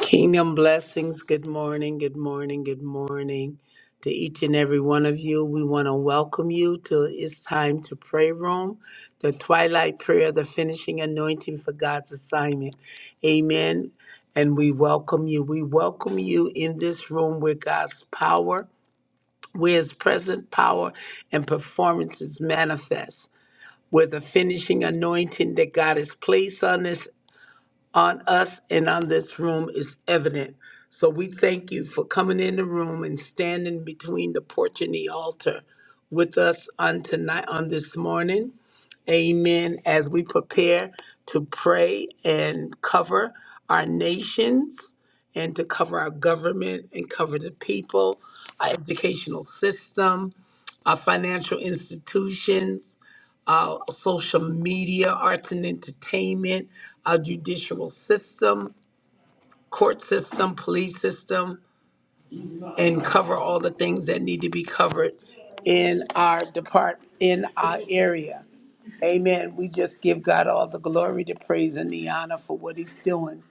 Kingdom blessings. Good morning. Good morning. Good morning to each and every one of you. We want to welcome you to It's Time to Pray Room, the twilight prayer, the finishing anointing for God's assignment. Amen. And we welcome you. We welcome you in this room where God's power, where his present power and performance is manifest. Where the finishing anointing that God has placed on us on us and on this room is evident. So we thank you for coming in the room and standing between the porch and the altar with us on tonight, on this morning. Amen. As we prepare to pray and cover our nations and to cover our government and cover the people, our educational system, our financial institutions, uh, social media, arts and entertainment, our judicial system, court system, police system, and cover all the things that need to be covered in our depart in our area. Amen. We just give God all the glory, the praise, and the honor for what He's doing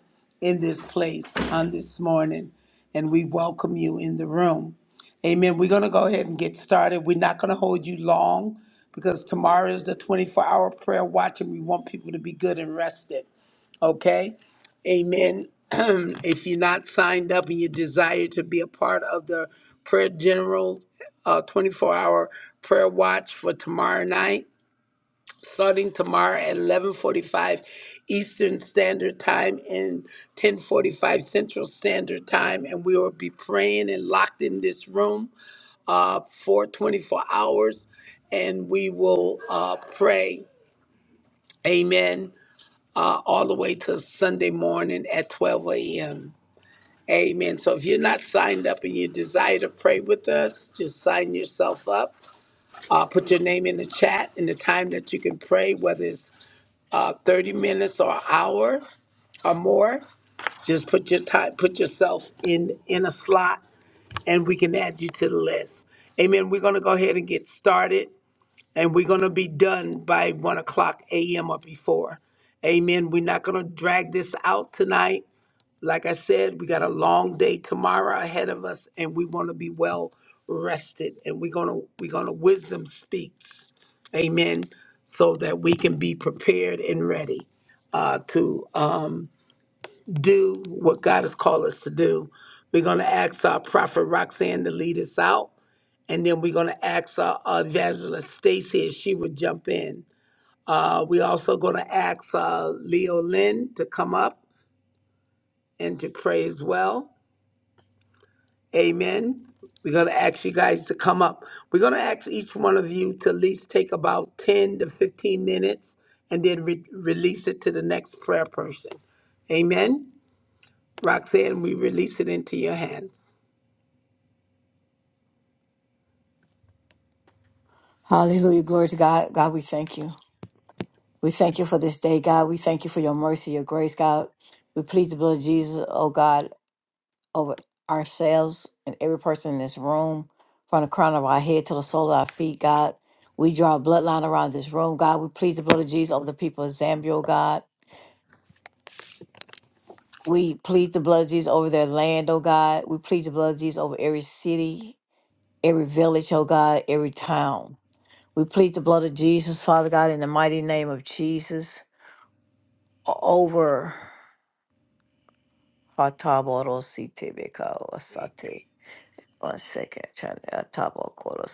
in this place on this morning. And we welcome you in the room. Amen. We're going to go ahead and get started. We're not going to hold you long because tomorrow is the 24 hour prayer watch, and we want people to be good and rested. Okay? Amen. if you're not signed up and you desire to be a part of the Prayer General uh, 24 hour prayer watch for tomorrow night, starting tomorrow at 11:45 Eastern Standard Time and 10:45 Central Standard Time, and we will be praying and locked in this room uh, for 24 hours, and we will uh, pray, Amen, uh, all the way to Sunday morning at 12 a.m. Amen. So if you're not signed up and you desire to pray with us, just sign yourself up. Uh, put your name in the chat and the time that you can pray, whether it's uh, 30 minutes or hour or more. Just put your time, put yourself in in a slot, and we can add you to the list. Amen. We're gonna go ahead and get started, and we're gonna be done by one o'clock a.m. or before. Amen. We're not gonna drag this out tonight. Like I said, we got a long day tomorrow ahead of us, and we want to be well rested. And we're gonna we're gonna wisdom speaks, Amen, so that we can be prepared and ready uh, to um, do what God has called us to do. We're gonna ask our prophet Roxanne to lead us out, and then we're gonna ask our, our evangelist Stacy if she would jump in. Uh, we also gonna ask uh, Leo Lynn to come up and to pray as well. Amen. We're going to ask you guys to come up. We're going to ask each one of you to at least take about 10 to 15 minutes and then re- release it to the next prayer person. Amen. Roxanne, we release it into your hands. Hallelujah. Glory to God. God, we thank you. We thank you for this day, God. We thank you for your mercy, your grace, God. We plead the blood of Jesus, oh God, over ourselves and every person in this room, from the crown of our head to the sole of our feet, God. We draw a bloodline around this room, God. We plead the blood of Jesus over the people of Zambia, oh God. We plead the blood of Jesus over their land, oh God. We plead the blood of Jesus over every city, every village, oh God, every town. We plead the blood of Jesus, Father God, in the mighty name of Jesus. o- over Hataboro Sitebeka Osate. One second, Chana.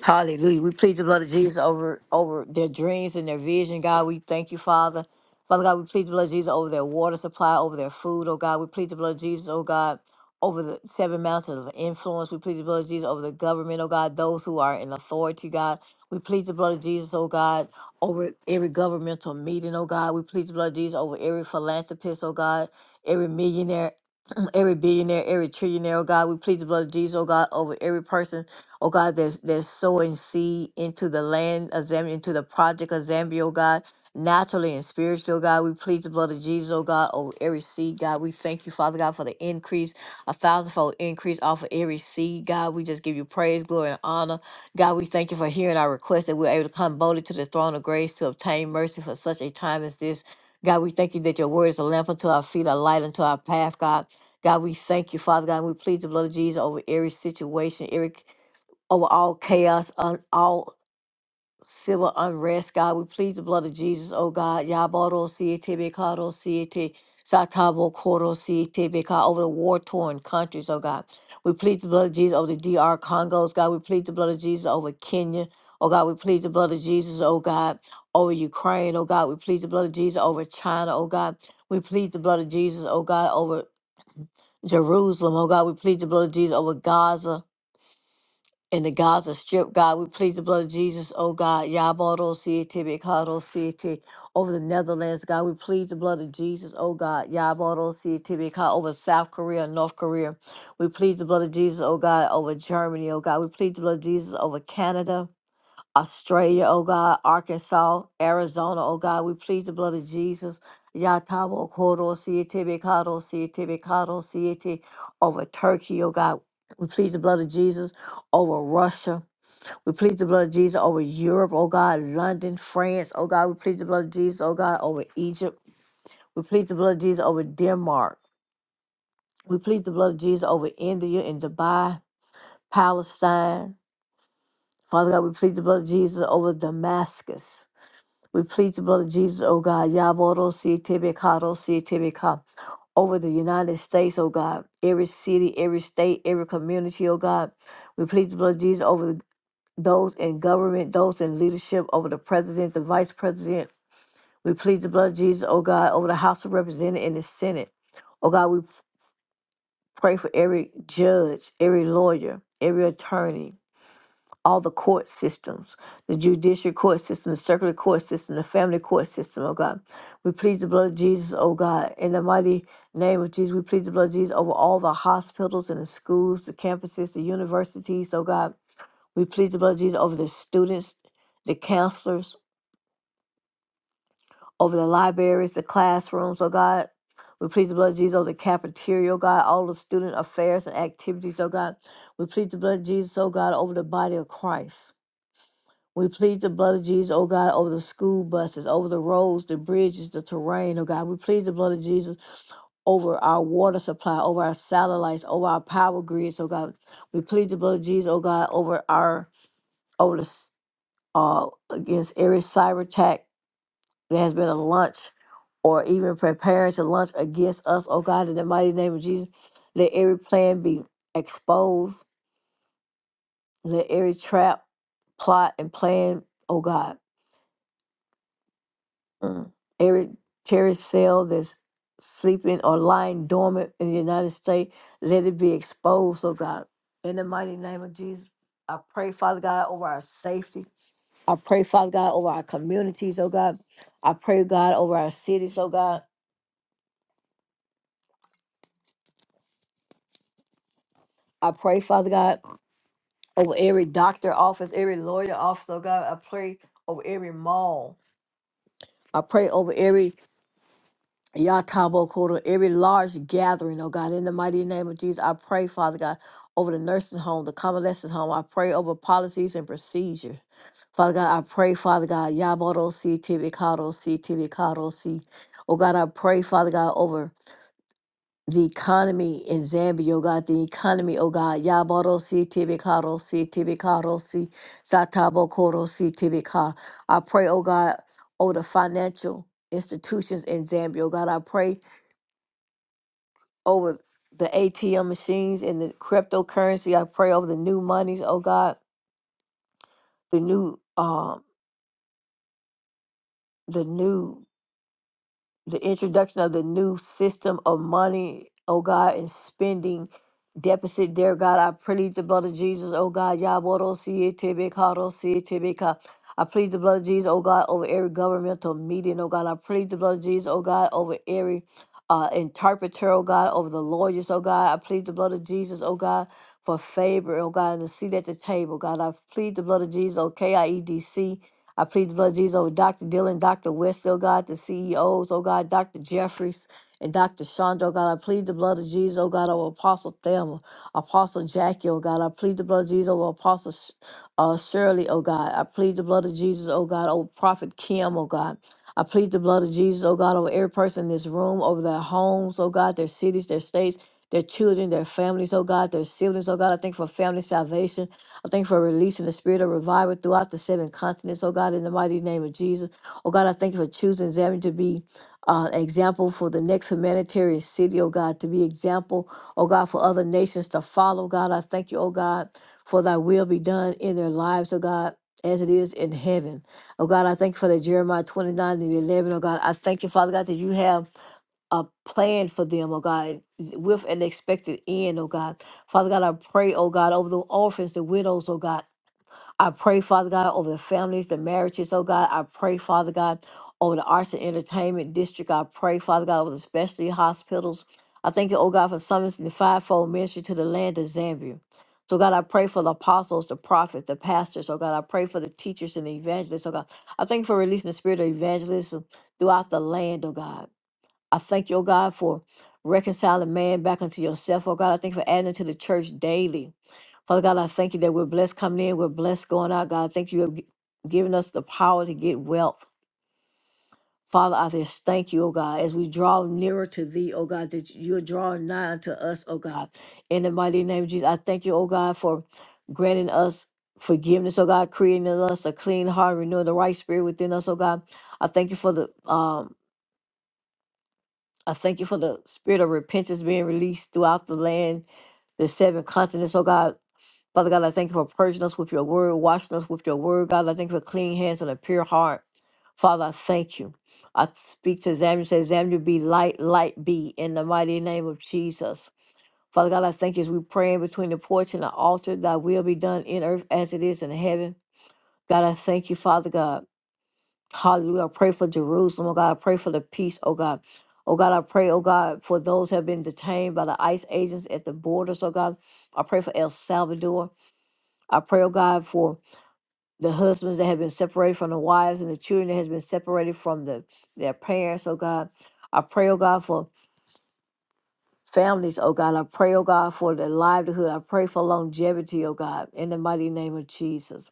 Hallelujah. We plead the blood of Jesus over over their dreams and their vision, God. We thank you, Father. Father God, we plead the blood of Jesus over their water supply, over their food, oh God. We plead the blood of Jesus, oh God, over the seven mountains of influence. We plead the blood of Jesus over the government, oh God, those who are in authority, God. We plead the blood of Jesus, oh God, over every governmental meeting, oh God. We plead the blood of Jesus over every philanthropist, oh God, every millionaire, every billionaire, every trillionaire, oh God. We plead the blood of Jesus, oh God, over every person Oh God, that's that's sowing seed into the land of Zambia, into the project of Zambia, oh God, naturally and spiritually, oh God. We plead the blood of Jesus, oh God, over every seed, God. We thank you, Father God, for the increase, a thousandfold increase off of every seed, God. We just give you praise, glory, and honor. God, we thank you for hearing our request that we're able to come boldly to the throne of grace to obtain mercy for such a time as this. God, we thank you that your word is a lamp unto our feet, a light unto our path, God. God, we thank you, Father God. We plead the blood of Jesus over every situation, every over all chaos, on all civil unrest, God. We plead the blood of Jesus, oh God. Yaboro siete bekaro siete satabo koro siete beka over the war torn countries, oh God. We plead the blood of Jesus over the DR Congos, God. We plead the blood of Jesus over Kenya. Oh God, we plead the blood of Jesus, oh God, over Ukraine, oh God. We plead the blood of Jesus over China, oh God. We plead the blood of Jesus, oh God, over Jerusalem, oh God. We plead the blood of Jesus over Gaza, in the Gaza Strip, God. We plead the blood of Jesus, oh God. Yaboro City, Bikaro City, over the Netherlands, God. We plead the blood of Jesus, oh God. Yaboro City, Bikaro, over South Korea, North Korea. We plead the blood of Jesus, oh God, over Germany, oh God. We plead the blood of Jesus over Canada. Australia, oh God, Arkansas, Arizona, oh God, we plead the blood of Jesus. Yatabo Koro Siete Bekado Siete Bekado Siete over Turkey, oh God. We plead the blood of Jesus over Russia. We plead the blood of Jesus over Europe, oh God, London, France, oh God. We plead the blood of Jesus, oh God, over Egypt. We plead the blood of Jesus over Denmark. We plead the blood of Jesus over India and Dubai, Palestine. Father God, we plead the blood of Jesus over Damascus. We plead the blood of Jesus, O God, Yaboro si tebekado si tebeka, over the United States, O God, every city, every state, every community, O God. We plead the blood of Jesus over the- those in government, those in leadership, over the president, the vice president. We plead the blood of Jesus, O God, over the House of Representatives and the Senate. O God, we pray for every judge, every lawyer, every attorney, all the court systems, the judicial court system, the circular court system, the family court system, oh God. We plead the blood of Jesus, oh God. In the mighty name of Jesus, we plead the blood of Jesus over all the hospitals and the schools, the campuses, the universities, oh God. We plead the blood of Jesus over the students, the counselors, over the libraries, the classrooms, oh God. We plead the blood of Jesus over the cafeteria, oh God, all the student affairs and activities, oh God. We plead the blood of Jesus, oh God, over the body of Christ. We plead the blood of Jesus, oh God, over the school buses, over the roads, the bridges, the terrain, oh God. We plead the blood of Jesus over our water supply, over our satellites, over our power grids, oh God. We plead the blood of Jesus, oh God, over our over the s- uh against every cyber attack that has been a launch or even preparing to launch against us, oh God, in the mighty name of Jesus. Let every plan be exposed. Let every trap, plot, and plan, oh God. Mm. Every terrorist cell that's sleeping or lying dormant in the United States, let it be exposed, oh God. In the mighty name of Jesus, I pray, Father God, over our safety. I pray, Father God, over our communities, oh God. I pray, God, over our cities, oh God. I pray, Father God, over every doctor office, every lawyer office, oh God. I pray over every mall. I pray over every Yatabokoro, every large gathering, oh God, in the mighty name of Jesus, I pray, Father God, over the nursing home, the convalescent home. I pray over policies and procedure. Father God, I pray, Father God, Yaboro C Tibicaro C Tibicaro C. Oh God, I pray, Father God, over the economy in Zambia, oh God, the economy, oh God, Yaboro C Tibicaro C Tibicaro C Satabokoro C Tibicar. I pray, oh God, over the financial institutions in Zambia, oh God, I pray over the ATM machines and the cryptocurrency. I pray over the new monies, oh God, the new um the new the introduction of the new system of money, oh God, and spending deficit, dear God. I plead the blood of Jesus, oh God. Yaborosiyetebekarossiyetebeka. I plead the blood of Jesus, oh God, over every governmental meeting, oh God. I plead the blood of Jesus, oh God, over every uh, interpreter, oh God, over the lawyers, oh God. I plead the blood of Jesus, oh God, for favor, oh God, and the seat at the table, God. I plead the blood of Jesus, oh KIEDC. I plead the blood of Jesus over Dr. Dillon, Dr. West, oh God, the CEOs, oh God, Dr. Jeffries, and Dr. Chandra, oh God. I plead the blood of Jesus, oh God, over Apostle Thelma, Apostle Jackie, oh God. I plead the blood of Jesus over Apostle Sh- uh, Shirley, oh God. I plead the blood of Jesus, oh God, over Prophet Kim, oh God. I plead the blood of Jesus, oh God, over every person in this room, over their homes, oh God, their cities, their states, their children, their families, oh God, their siblings, oh God. I thank you for family salvation. I thank you for releasing the spirit of revival throughout the seven continents, oh God, in the mighty name of Jesus. Oh God, I thank you for choosing Zambia to be uh, an example for the next humanitarian city, oh God, to be example, oh God, for other nations to follow, God. I thank you, oh God, for thy will be done in their lives, oh God. As it is in heaven. Oh God, I thank you for the Jeremiah 29 and 11. oh God, I thank you, Father God, that you have a plan for them, oh God, with an expected end, oh God. Father God, I pray, oh God, over the orphans, the widows, oh God. I pray, Father God, over the families, the marriages, oh God. I pray, Father God, over the arts and entertainment district. I pray, Father God, over the specialty hospitals. I thank you, oh God, for summoning the fivefold ministry to the land of Zambia. So God, I pray for the apostles, the prophets, the pastors. Oh God, I pray for the teachers and the evangelists. Oh God, I thank you for releasing the spirit of evangelism throughout the land. Oh God. I thank you, oh God, for reconciling man back unto yourself. Oh God, I thank you for adding to the church daily. Father God, I thank you that we're blessed coming in, we're blessed going out. God, I thank you have gi- given us the power to get wealth. Father, I just thank you, oh God, as we draw nearer to thee, oh God, that you're drawing nigh unto us, oh God. In the mighty name of Jesus, I thank you, oh God, for granting us forgiveness, oh God, creating in us a clean heart, renewing the right spirit within us, oh God. I thank you for the um I thank you for the spirit of repentance being released throughout the land, the seven continents, oh God. Father God, I thank you for purging us with your word, washing us with your word. God, I thank you for clean hands and a pure heart. Father, I thank you. I speak to Zambia, say, Zambia be light, light be in the mighty name of Jesus. Father God, I thank you as we pray in between the porch and the altar, thy will be done in earth as it is in heaven. God, I thank you, Father God. Hallelujah. I pray for Jerusalem, oh God. I pray for the peace, oh God. Oh God, I pray, oh God, for those who have been detained by the ICE agents at the borders, oh God. I pray for El Salvador. I pray, oh God, for the husbands that have been separated from the wives and the children that has been separated from the, their parents, oh God. I pray, oh God, for families, oh God. I pray, oh God, for their livelihood. I pray for longevity, oh God, in the mighty name of Jesus.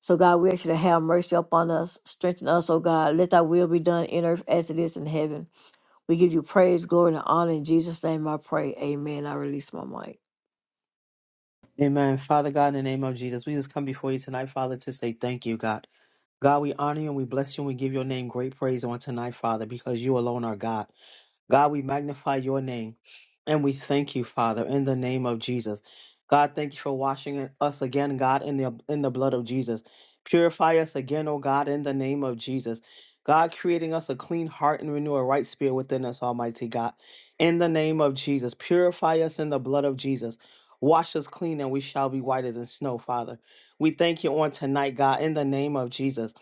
So God, we ask you to have mercy upon us, strengthen us, O God. Let thy will be done in earth as it is in heaven. We give you praise, glory, and honor. In Jesus' name I pray. Amen. I release my mic. Amen. Father God, in the name of Jesus, we just come before you tonight, Father, to say thank you, God. God, we honor you and we bless you and we give your name great praise on tonight, Father, because you alone are God. God, we magnify your name and we thank you, Father, in the name of Jesus. God, thank you for washing us again, God, in the in the blood of Jesus. Purify us again, oh God, in the name of Jesus. God, creating us a clean heart and renew a right spirit within us, Almighty God. In the name of Jesus, purify us in the blood of Jesus. Wash us clean and we shall be whiter than snow, Father. We thank you on tonight, God, in the name of Jesus.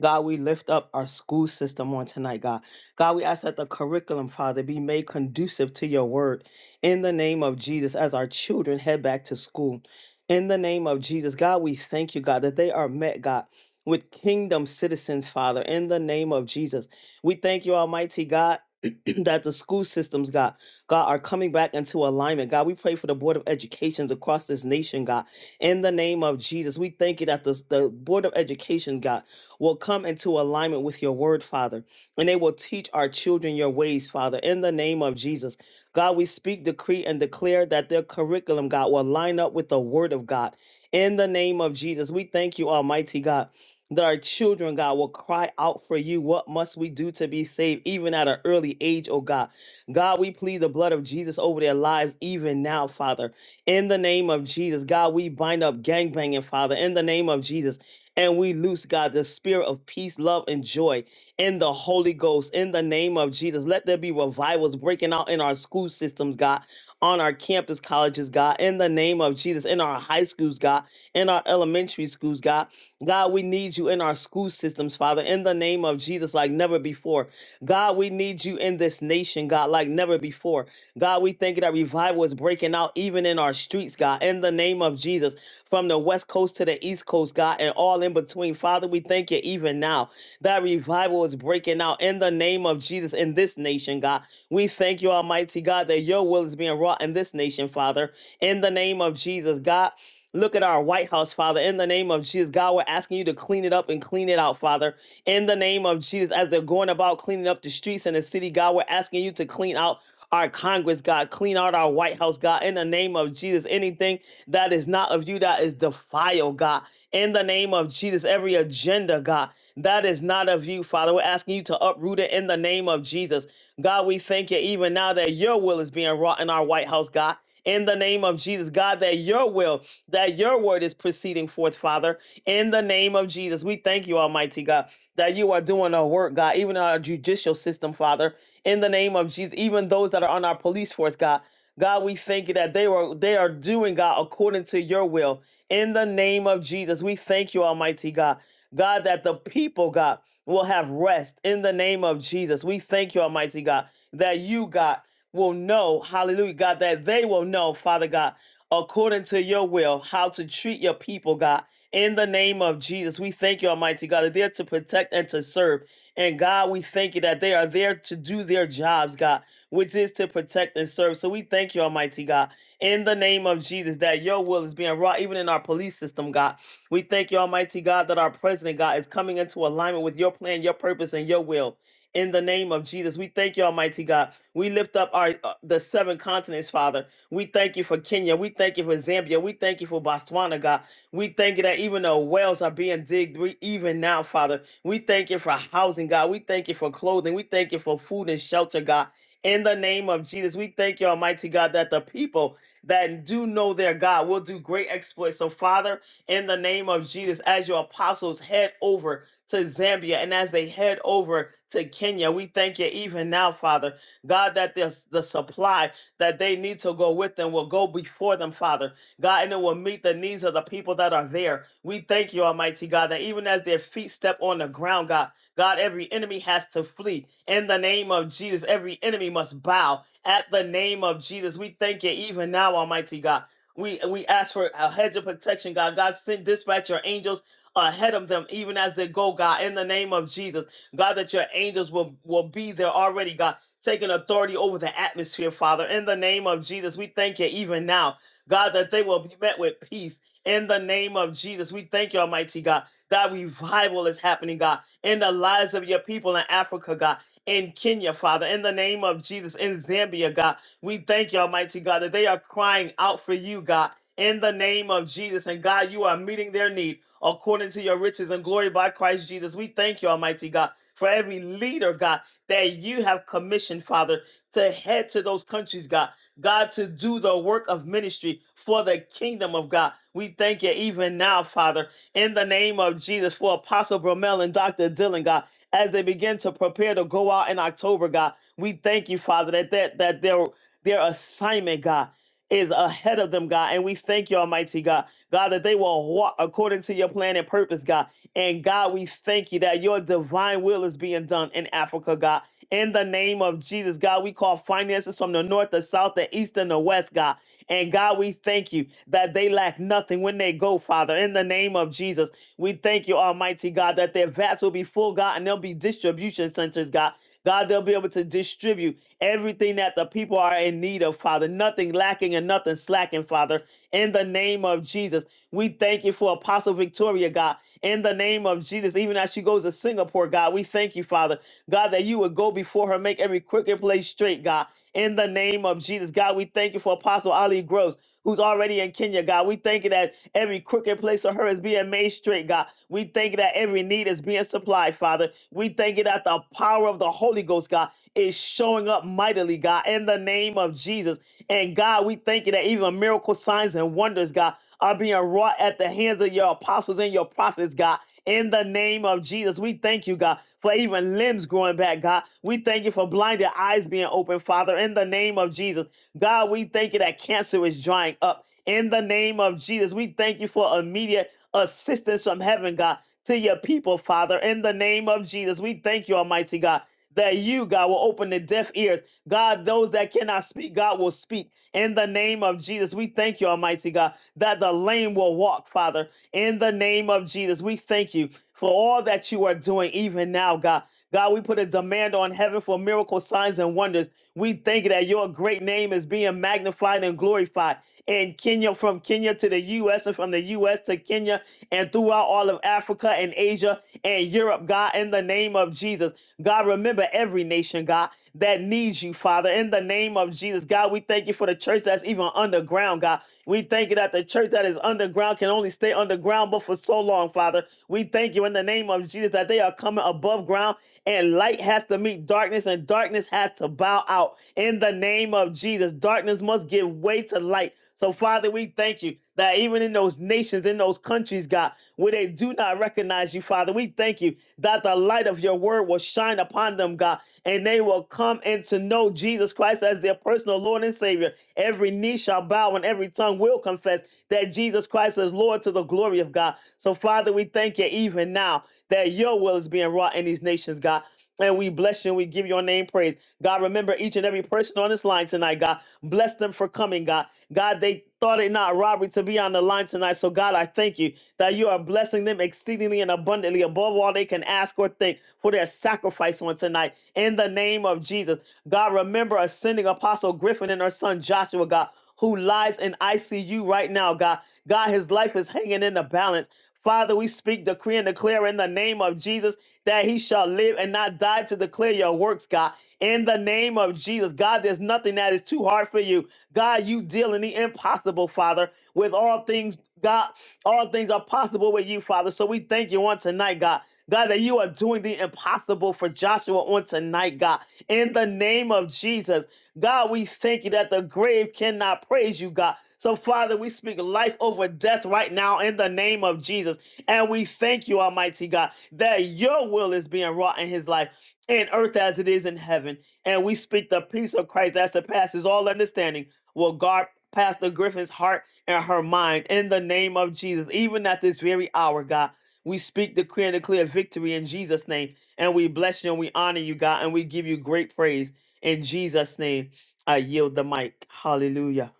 God, we lift up our school system on tonight, God. God, we ask that the curriculum, Father, be made conducive to your word in the name of Jesus as our children head back to school. In the name of Jesus, God, we thank you, God, that they are met, God, with kingdom citizens, Father, in the name of Jesus. We thank you, Almighty God. that the school systems, God, God, are coming back into alignment. God, we pray for the Board of Educations across this nation, God. In the name of Jesus, we thank you that the, the Board of Education, God, will come into alignment with your word, Father and they will teach our children your ways, Father, in the name of Jesus. God, we speak, decree, and declare that their curriculum, God, will line up with the word of God. In the name of Jesus, we thank you, Almighty God, that our children, God, will cry out for you. What must we do to be saved, even at an early age, oh God? God, we plead the blood of Jesus over their lives, even now, Father. In the name of Jesus, God, we bind up gangbanging, Father, in the name of Jesus. And we loose, God, the spirit of peace, love, and joy in the Holy Ghost, in the name of Jesus. Let there be revivals breaking out in our school systems, God, on our campus colleges, God, in the name of Jesus, in our high schools, God, in our elementary schools, God. God, we need you in our school systems, Father, in the name of Jesus, like never before. God, we need you in this nation, God, like never before. God, we thank you that revival is breaking out even in our streets, God, in the name of Jesus, from the west coast to the east coast, God, and all in between. Father, we thank you even now. That revival is breaking out in the name of Jesus in this nation, God. We thank you, Almighty God, that your will is being wrought in this nation, Father, in the name of Jesus, God. Look at our White House, Father, in the name of Jesus. God, we're asking you to clean it up and clean it out, Father, in the name of Jesus. As they're going about cleaning up the streets in the city, God, we're asking you to clean out our Congress, God, clean out our White House, God, in the name of Jesus. Anything that is not of you that is defiled, God, in the name of Jesus. Every agenda, God, that is not of you, Father. We're asking you to uproot it in the name of Jesus. God, we thank you even now that your will is being wrought in our White House, God. In the name of Jesus, God, that your will, that your word is proceeding forth, Father. In the name of Jesus, we thank you, Almighty God, that you are doing a work, God, even in our judicial system, Father. In the name of Jesus, even those that are on our police force, God. God, we thank you that they were they are doing, God, according to your will. In the name of Jesus, we thank you, Almighty God. God, that the people, God, will have rest in the name of Jesus. We thank you, Almighty God, that you, God, will know, hallelujah, God, that they will know, Father God, according to your will, how to treat your people, God, in the name of Jesus. We thank you, Almighty God, that they're to protect and to serve. And God, we thank you that they are there to do their jobs, God, which is to protect and serve. So we thank you, Almighty God, in the name of Jesus, that your will is being wrought even in our police system, God. We thank you, Almighty God, that our president, God, is coming into alignment with your plan, your purpose, and your will. In the name of Jesus, we thank you, Almighty God. We lift up our uh, the seven continents, Father. We thank you for Kenya. We thank you for Zambia. We thank you for Botswana, God. We thank you that even though wells are being digged re- even now, Father, we thank you for housing, God. We thank you for clothing. We thank you for food and shelter, God. In the name of Jesus, we thank you, Almighty God, that the people that do know their God will do great exploits. So, Father, in the name of Jesus as your apostles head over to Zambia and as they head over to Kenya. We thank you even now, Father, God, that this, the supply that they need to go with them will go before them, Father, God, and it will meet the needs of the people that are there. We thank you, Almighty God, that even as their feet step on the ground, God, God, every enemy has to flee in the name of Jesus. Every enemy must bow at the name of Jesus. We thank you even now, Almighty God we we ask for a hedge of protection, God. God send dispatch your angels ahead of them, even as they go, God, in the name of Jesus. God, that your angels will, will be there already, God, taking authority over the atmosphere, Father. In the name of Jesus, we thank you even now, God, that they will be met with peace. In the name of Jesus, we thank you, Almighty God, that revival is happening, God, in the lives of your people in Africa, God, in Kenya, Father, in the name of Jesus, in Zambia, God. We thank you, Almighty God, that they are crying out for you, God, in the name of Jesus. And God, you are meeting their need according to your riches and glory by Christ Jesus. We thank you, Almighty God, for every leader, God, that you have commissioned, Father, to head to those countries, God. God, to do the work of ministry for the kingdom of God. We thank you even now, Father, in the name of Jesus, for Apostle Bromell and Dr. Dillon, God, as they begin to prepare to go out in October, God. We thank you, Father, that that, that they're their assignment, God, is ahead of them, God. And we thank you, Almighty God, God, that they will walk according to your plan and purpose, God. And God, we thank you that your divine will is being done in Africa, God. In the name of Jesus, God, we call finances from the north, the south, the east, and the west, God. And God, we thank you that they lack nothing when they go, Father. In the name of Jesus, we thank you, Almighty God, that their vats will be full, God, and there'll be distribution centers, God. God, they'll be able to distribute. Everything that the people are in need of, Father, nothing lacking and nothing slacking, Father, in the name of Jesus. We thank you for Apostle Victoria, God, in the name of Jesus. Even as she goes to Singapore, God, we thank you, Father, God, that you would go before her, make every crooked place straight, God, in the name of Jesus. God, we thank you for Apostle Ali Groves, who's already in Kenya, God. We thank you that every crooked place of her is being made straight, God. We thank you that every need is being supplied, Father. We thank you that the power of the Holy Ghost, God, is showing up mightily, God, in the name of Jesus. And God, we thank you that even miracle signs and wonders, God, are being wrought at the hands of your apostles and your prophets, God. In the name of Jesus, we thank you, God, for even limbs growing back, God. We thank you for blinded eyes being open, Father. In the name of Jesus, God, we thank you that cancer is drying up. In the name of Jesus, we thank you for immediate assistance from heaven, God, to your people, Father. In the name of Jesus, we thank you, Almighty God that you, God, will open the deaf ears. God, those that cannot speak, God will speak. In the name of Jesus, we thank you, Almighty God, that the lame will walk, Father. In the name of Jesus, we thank you for all that you are doing even now, God. God, we put a demand on heaven for miracle signs and wonders. We thank you that your great name is being magnified and glorified in Kenya, from Kenya to the U.S., and from the U.S. to Kenya, and throughout all of Africa and Asia and Europe, God, in the name of Jesus. God, remember every nation, God, that needs you, Father. In the name of Jesus, God, we thank you for the church that's even underground, God. We thank you that the church that is underground can only stay underground but for so long, Father. We thank you in the name of Jesus that they are coming above ground and light has to meet darkness and darkness has to bow out. In the name of Jesus, darkness must give way to light. So, Father, we thank you that even in those nations, in those countries, God, where they do not recognize you, Father, we thank you that the light of your word will shine upon them, God, and they will come and to know Jesus Christ as their personal Lord and Savior. Every knee shall bow and every tongue will confess that Jesus Christ is Lord to the glory of God. So, Father, we thank you even now that your will is being wrought in these nations, God. And we bless you and we give your name praise. God, remember each and every person on this line tonight, God. Bless them for coming, God. God, they thought it not robbery to be on the line tonight. So, God, I thank you that you are blessing them exceedingly and abundantly above all they can ask or think for their sacrifice on tonight. In the name of Jesus, God, remember ascending Apostle Griffin and her son Joshua, God, who lies in ICU right now, God. God, his life is hanging in the balance. Father, we speak, decree, and declare in the name of Jesus that he shall live and not die to declare your works, God. In the name of Jesus, God, there's nothing that is too hard for you. God, you deal in the impossible, Father, with all things, God. All things are possible with you, Father. So we thank you on tonight, God. God, that you are doing the impossible for Joshua on tonight, God. In the name of Jesus, God, we thank you that the grave cannot praise you, God. So, Father, we speak life over death right now in the name of Jesus. And we thank you, Almighty God, that your will is being wrought in his life, in earth as it is in heaven. And we speak the peace of Christ that surpasses all understanding will guard Pastor Griffin's heart and her mind in the name of Jesus. Even at this very hour, God, we speak, decree, and declare victory in Jesus' name. And we bless you and we honor you, God, and we give you great praise in Jesus' name. I yield the mic. Hallelujah.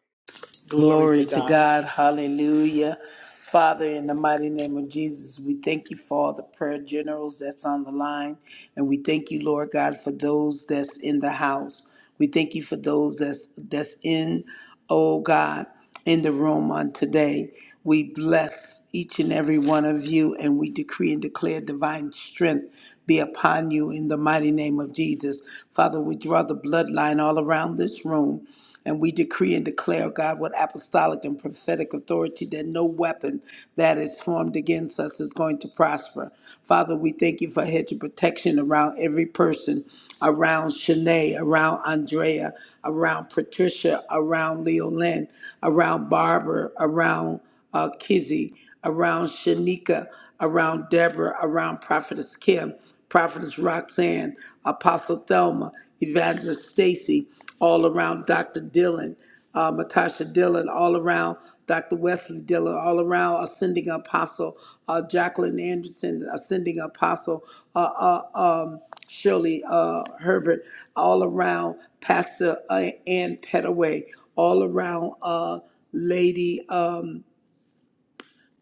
Glory to Glory to God. God. Hallelujah. Father, in the mighty name of Jesus, we thank you for all the prayer generals that's on the line. And we thank you, Lord God, for those that's in the house. We thank you for those that's that's in, oh God. in the room on today. We bless each and every one of you, and we decree and declare divine strength be upon you in the mighty name of Jesus. Father, we draw the bloodline all around this room. And we decree and declare, oh God, with apostolic and prophetic authority, that no weapon that is formed against us is going to prosper. Father, we thank you for a hedge of protection around every person around Shanae, around Andrea, around Patricia, around Leolyn, around Barbara, around uh, Kizzy, around Shanika, around Deborah, around Prophetess Kim, Prophetess Roxanne, Apostle Thelma, Evangelist Stacy all around Dr. Dillon, uh, Matasha Dillon, all around Dr. Wesley Dillon, all around Ascending Apostle, uh, Jacqueline Anderson, Ascending Apostle, uh, uh, um, Shirley uh, Herbert, all around Pastor uh, Ann Petaway, all around uh, Lady. Um,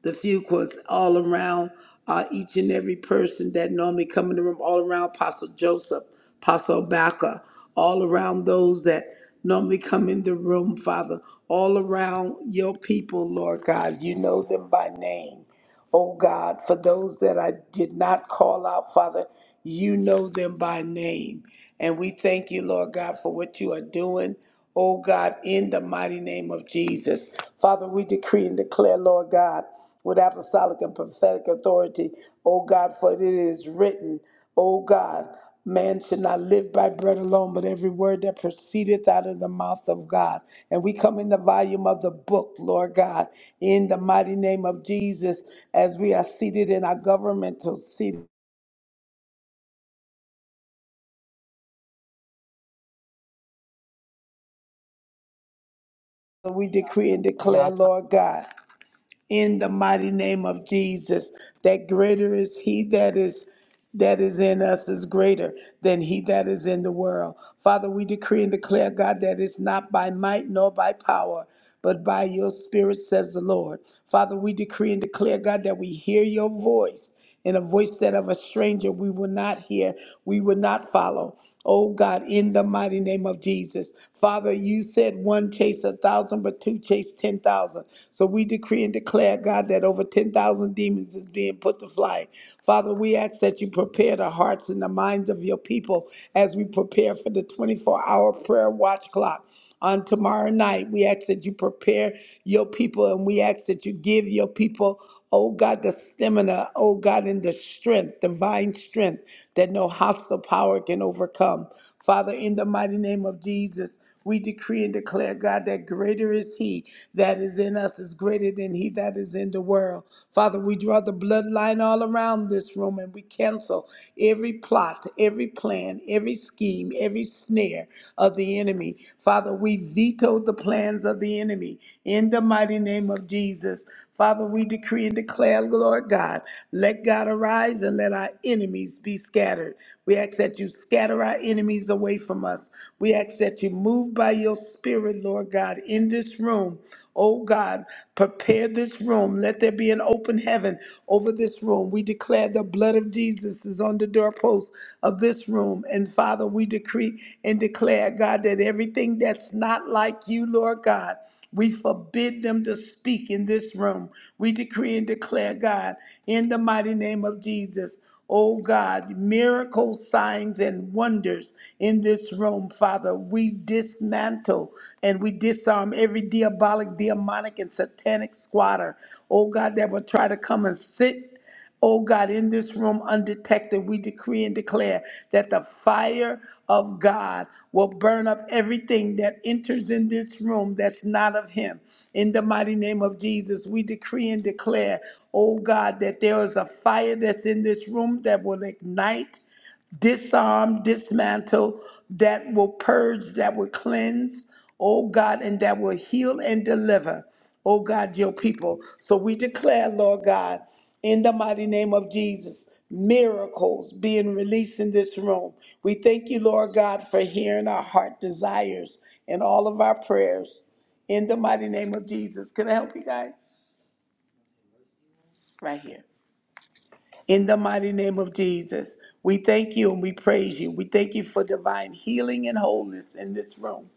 the few quotes all around uh, each and every person that normally come in the room, all around Apostle Joseph, Apostle Baca, all around those that normally come in the room, Father, all around your people, Lord God. You know them by name. Oh God, for those that I did not call out, Father, you know them by name. And we thank you, Lord God, for what you are doing. Oh God, in the mighty name of Jesus. Father, we decree and declare, Lord God, with apostolic and prophetic authority, oh God, for it is written, oh God, man should not live by bread alone, but every word that proceedeth out of the mouth of God. And we come in the volume of the book, Lord God, in the mighty name of Jesus, as we are seated in our governmental seat. We decree and declare, Y'all talk. Lord God. in the mighty name of Jesus. That greater is he that is that is in us is greater than he that is in the world. Father, we decree and declare, God, that it's not by might nor by power, but by your spirit, says the Lord. Father, we decree and declare, God, that we hear your voice and a voice that of a stranger we will not hear, we will not follow. Oh God, in the mighty name of Jesus. Father, you said one chase a thousand, but two chase ten thousand. So we decree and declare, God, that over ten thousand demons is being put to flight. Father, we ask that you prepare the hearts and the minds of your people as we prepare for the 24 hour prayer watch clock on tomorrow night. We ask that you prepare your people and we ask that you give your people, oh God, the stamina, oh God, and the strength, divine strength that no hostile power can overcome. Father, in the mighty name of Jesus, we decree and declare, God, that greater is He that is in us, is greater than He that is in the world. Father, we draw the bloodline all around this room and we cancel every plot, every plan, every scheme, scheme, every snare of the enemy. Father, we veto the plans of the enemy in the mighty name of Jesus. Father, we decree and declare, Lord God, let God arise and let our enemies be scattered. We ask that you scatter our enemies away from us. We ask that you move by your spirit, Lord God, in this room. Oh God, prepare this room. Let there be an open heaven over this room. We declare the blood of Jesus is on the doorposts of this room. And Father, we decree and declare, God, that everything that's not like you, Lord God, we forbid them to speak in this room. We decree and declare, God, in the mighty name of Jesus. Oh God, miracle signs and wonders in this room, Father. We dismantle and we disarm every diabolic, demonic, and satanic squatter. Oh God, that will try to come and sit Oh God, in this room undetected, we decree and declare that the fire of God will burn up everything that enters in this room that's not of Him. In the mighty name of Jesus, we decree and declare, oh God, that there is a fire that's in this room that will ignite disarm, dismantle, that will purge, that will cleanse, oh God, and that will heal and deliver, oh God, your people. So we declare, Lord God, in the mighty name of Jesus, miracles being released in this room. We thank you, Lord God, for hearing our heart desires and all of our prayers. In the mighty name of Jesus. Can I help you guys? Right here. In the mighty name of Jesus, we thank you and we praise you. We thank you for divine healing and wholeness in this room.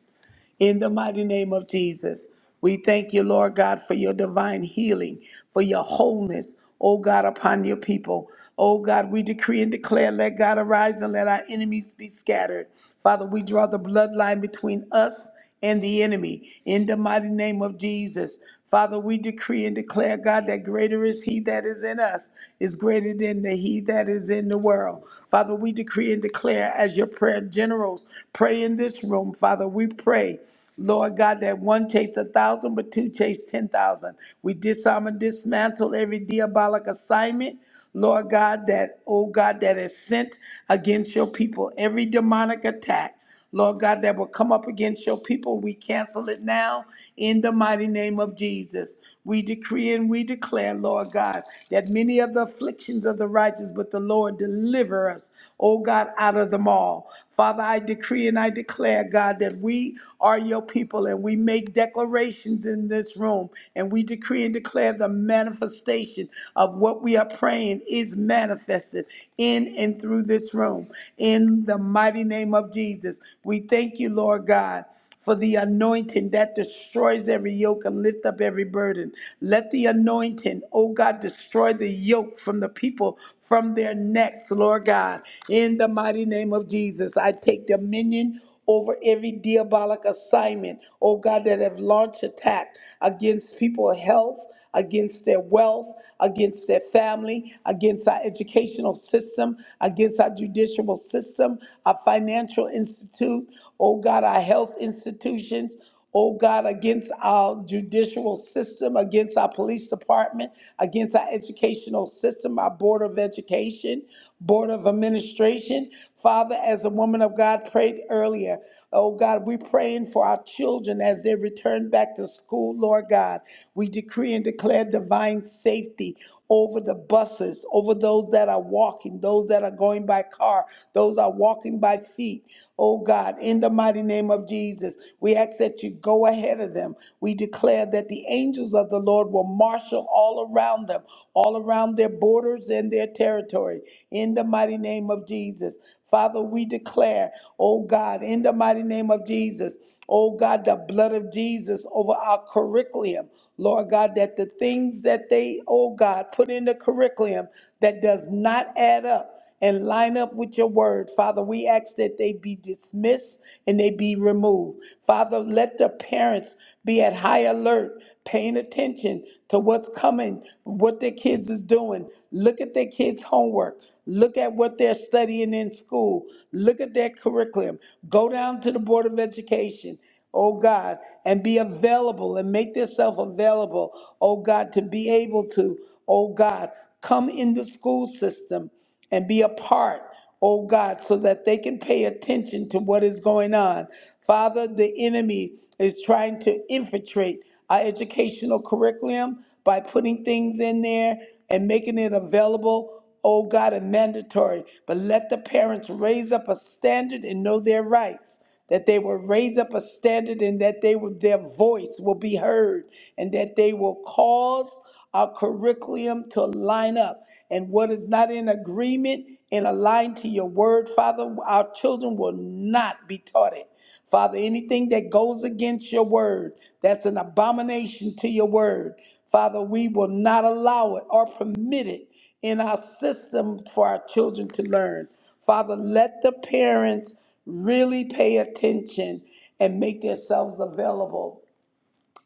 In the mighty name of Jesus, we thank you, Lord God, for your divine healing, for your wholeness, oh God, upon your people. Oh God, we decree and declare, let God arise and let our enemies be scattered. Father, we draw the bloodline between us and the enemy. In the mighty name of Jesus, Father, we decree and declare, God, that greater is He that is in us, is greater than the He that is in the world. Father, we decree and declare, as your prayer generals pray in this room, Father, we pray. Lord God, that one chased a thousand, but two chased ten thousand. We disarm and dismantle every diabolic assignment. Lord God, that, oh God, that is sent against your people, every demonic attack. Lord God, that will come up against your people. We cancel it now in the mighty name of Jesus. We decree and we declare, Lord God, that many of the afflictions of the righteous, but the Lord deliver us, oh God, out of them all. Father, I decree and I declare, God, that we are your people and we make declarations in this room and we decree and declare the manifestation of what we are praying is manifested in and through this room. In in the mighty name of Jesus. We thank you, Lord God for the anointing that destroys every yoke and lift up every burden. Let the anointing, oh God, destroy the yoke from the people from their necks, Lord God. In the mighty name of Jesus, I take dominion over every diabolic assignment, oh God, that have launched attack against people's health against their wealth, against their family, against our educational system, against our judicial system, our financial institute, oh God, our health institutions, oh God, against our judicial system, against our police department, against our educational system, our board of education. Board of Administration. Father, as a woman of God prayed earlier, oh God, we're praying for our children as they return back to school, Lord God. We decree and declare divine safety over the buses, over those that are walking, those that are going by car, those are walking by feet. Oh God, in the mighty name of Jesus, we ask that you go ahead of them. We declare that the angels of the Lord will marshal all around them, all around their borders and their territory, in the mighty name of Jesus. Father, we declare, oh God, in the mighty name of Jesus, oh God, the blood of Jesus over our curriculum. Lord God, that the things that they, oh God, put in the curriculum that does not add up and line up with your word. Father, we ask that they be dismissed and they be removed. Father, let the parents be at high alert, paying attention to what's coming, what their kids is doing. Look at their kids' homework. Look at what they're studying in school. Look at their curriculum. Go down to the Board of Education oh God, and be available and make yourself available, oh God, to be able to, oh God, come in the school system and be a part, oh God, so that they can pay attention to what is going on. Father, the enemy is trying to infiltrate our educational curriculum by putting things in there and making it available, oh God, and mandatory. But let the parents raise up a standard and know their rights that they will raise up a standard and that they will, their voice will be heard and that they will cause our curriculum to line up. And what is not in agreement and aligned to your word, Father, our children will not be taught it. Father, anything that goes against your word, that's an abomination to your word. Father, we will not allow it or permit it in our system for our children to learn. Father, let the parents really pay attention and make themselves available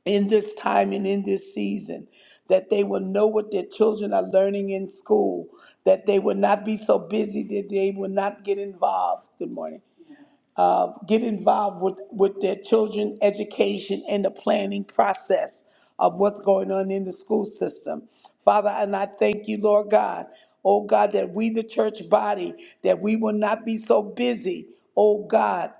in this time and in this season, that they will know what their children are learning in school, that they will not be so busy that they will not get involved. Good morning uh, get involved with, with their children education and the planning process of what's going on in the school system. Father, and I thank you, Lord God. Oh God, that we, the church body, that we will not be so busy, oh God,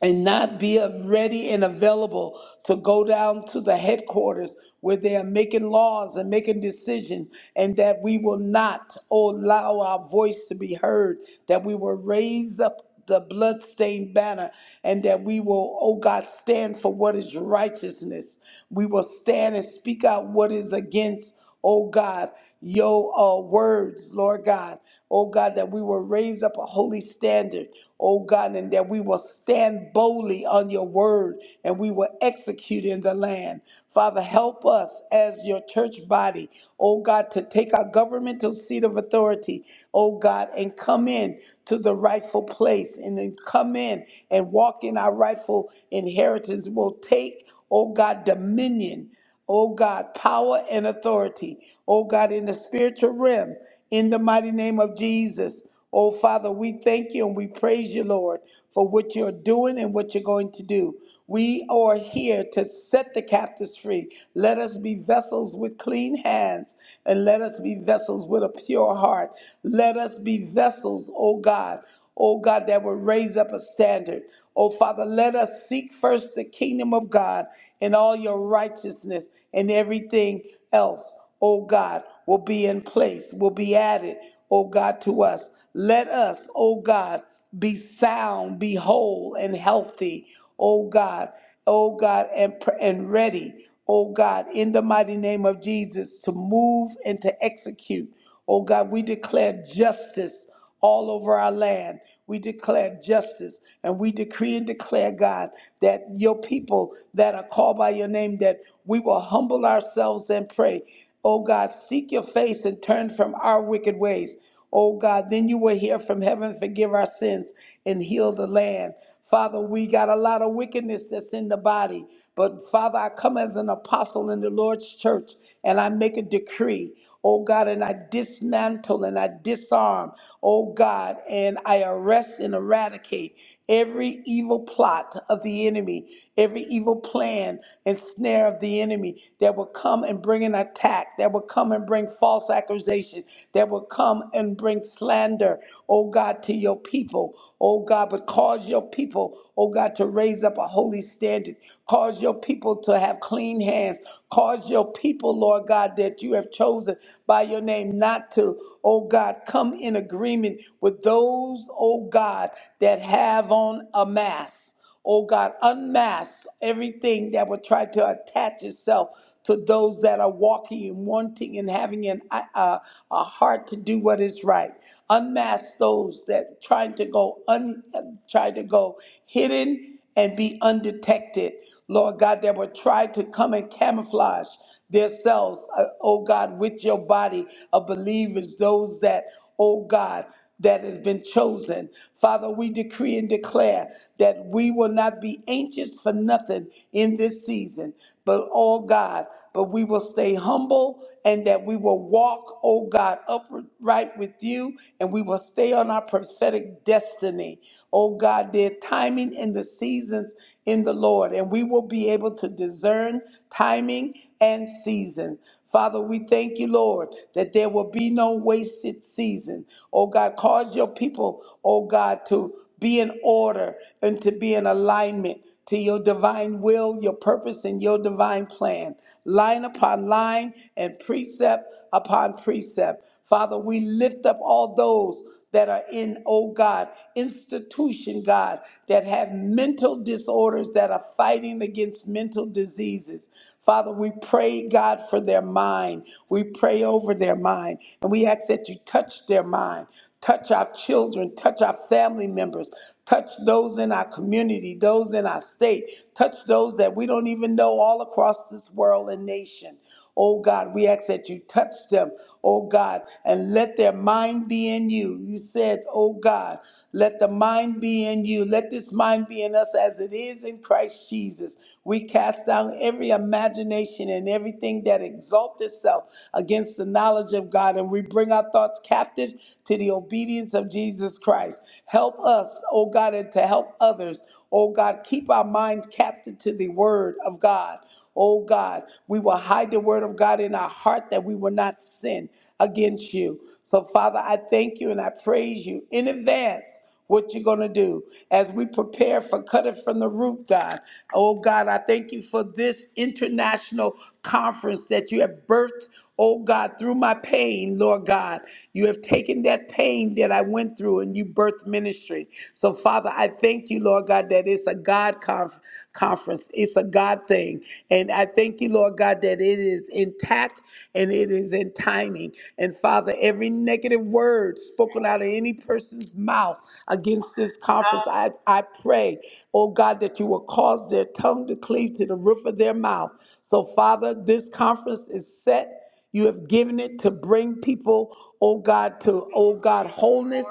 and not be a- ready and available to go down to the headquarters where they are making laws and making decisions, and that we will not allow our voice to be heard, that we will raise up the bloodstained banner, and that we will, oh God, stand for what is righteousness. We will stand and speak out what is against, oh God, your uh, words, Lord God. Oh God, that we will raise up a holy standard. Oh God, and that we will stand boldly on your word and we will execute in the land. Father, help us as your church body, oh God, to take our governmental seat of authority, oh God, and come in to the rightful place and then come in and walk in our rightful inheritance. We'll take, oh God, dominion oh God, power and authority, oh God, in the spiritual realm, in the mighty name of Jesus. Oh Father, we thank you and we praise you, Lord, for what you're doing and what you're going to do. We are here to set the captives free. Let us be vessels with clean hands and let us be vessels with a pure heart. Let us be vessels, oh God, oh God, that will raise up a standard. Oh, Father, let us seek first the kingdom of God and all your righteousness and everything else, oh God, will be in place, will be added, oh God, to us. Let us, oh God, be sound, be whole and healthy, oh God, oh God, and, pr- and ready, oh God, in the mighty name of Jesus to move and to execute. Oh God, we declare justice all over our land. We declare justice and we decree and declare, God, that your people that are called by your name, that we will humble ourselves and pray. Oh God, seek your face and turn from our wicked ways. Oh God, then you will hear from heaven, forgive our sins, and heal the land. Father, we got a lot of wickedness that's in the body. But Father, I come as an apostle in the Lord's church and I make a decree. Oh God, and I dismantle and I disarm, oh God, and I arrest and eradicate every evil plot of the enemy every evil plan and snare of the enemy that will come and bring an attack, that will come and bring false accusation, that will come and bring slander, oh God, to your people, oh God, but cause your people, oh God, to raise up a holy standard, cause your people to have clean hands, cause your people, Lord God, that you have chosen by your name not to, oh God, come in agreement with those, oh God, that have on a mask. Oh God, unmask everything that would try to attach itself to those that are walking and wanting and having an, a, a heart to do what is right. Unmask those that trying to go un, uh, try to go hidden and be undetected. Lord God, that would try to come and camouflage themselves, uh, oh God, with your body of believers, those that, oh God, that has been chosen. Father, we decree and declare that we will not be anxious for nothing in this season, but oh God, but we will stay humble and that we will walk, oh God, upright with you and we will stay on our prophetic destiny. Oh God, their timing and the seasons in the Lord, and we will be able to discern timing and season. Father, we thank you, Lord, that there will be no wasted season. Oh God, cause your people, oh God, to be in order and to be in alignment to your divine will, your purpose, and your divine plan, line upon line and precept upon precept. Father, we lift up all those that are in, oh God, institution, God, that have mental disorders that are fighting against mental diseases. Father, we pray, God, for their mind. We pray over their mind. And we ask that you touch their mind. Touch our children, touch our family members, touch those in our community, those in our state, touch those that we don't even know all across this world and nation. Oh God, we ask that you touch them, oh God, and let their mind be in you. You said, oh God, let the mind be in you. Let this mind be in us as it is in Christ Jesus. We cast down every imagination and everything that exalts itself against the knowledge of God, and we bring our thoughts captive to the obedience of Jesus Christ. Help us, oh God, and to help others. Oh God, keep our minds captive to the word of God. Oh God, we will hide the word of God in our heart that we will not sin against you. So, Father, I thank you and I praise you in advance what you're going to do as we prepare for cut it from the root, God. Oh, God, I thank you for this international conference that you have birthed, oh, God, through my pain, Lord God. You have taken that pain that I went through and you birthed ministry. So, Father, I thank you, Lord God, that it's a God conference conference. It's a God thing. And I thank you, Lord God, that it is intact and it is in timing. And Father, every negative word spoken out of any person's mouth against this conference, I, I pray, oh God, that you will cause their tongue to cleave to the roof of their mouth. So, Father, this conference is set. You have given it to bring people, oh God, to, oh God, wholeness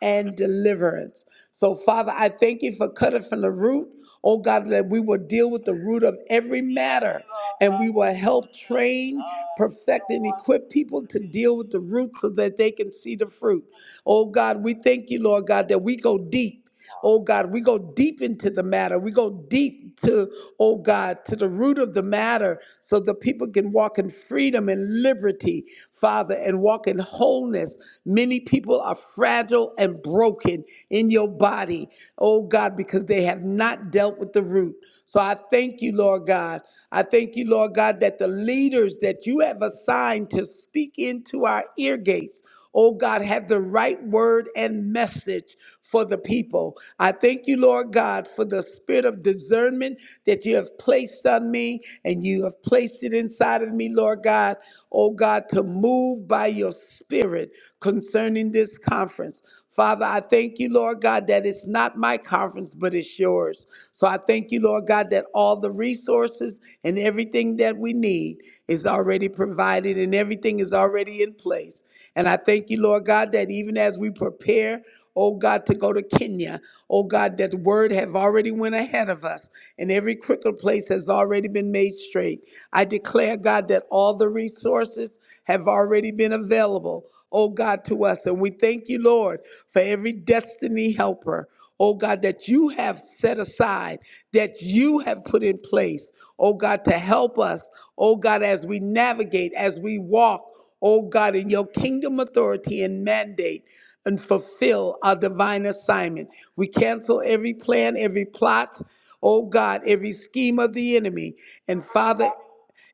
and deliverance. So, Father, I thank you for cutting from the root. Oh God, that we will deal with the root of every matter and we will help train, perfect, and equip people to deal with the root so that they can see the fruit. Oh God, we thank you, Lord God, that we go deep deep. Oh God, we go deep into the matter. We go deep to, oh God, to the root of the matter so the people can walk in freedom and liberty, Father, and walk in wholeness. Many people are fragile and broken in your body, oh God, because they have not dealt with the root. So I thank you, Lord God. I thank you, Lord God, that the leaders that you have assigned to speak into our ear gates. Oh God, have the right word and message for the people. I thank you, Lord God, for the spirit of discernment that you have placed on me and you have placed it inside of me, Lord God. Oh God, to move by your spirit concerning this conference. Father, I thank you, Lord God, that it's not my conference, but it's yours. So I thank you, Lord God, that all the resources and everything that we need is already provided and everything is already in place. And I thank you, Lord God, that even as we prepare, oh God, to go to Kenya, oh God, that word have already went ahead of us, and every crooked place has already been made straight. I declare, God, that all the resources have already been available, oh God, to us. And we thank you, Lord, for every destiny helper, oh God, that you have set aside, that you have put in place, oh God, to help us, oh God, as we navigate, as we walk oh God, in your kingdom authority and mandate and fulfill our divine assignment. We cancel every plan, every plot, oh God, every scheme of the enemy. And Father,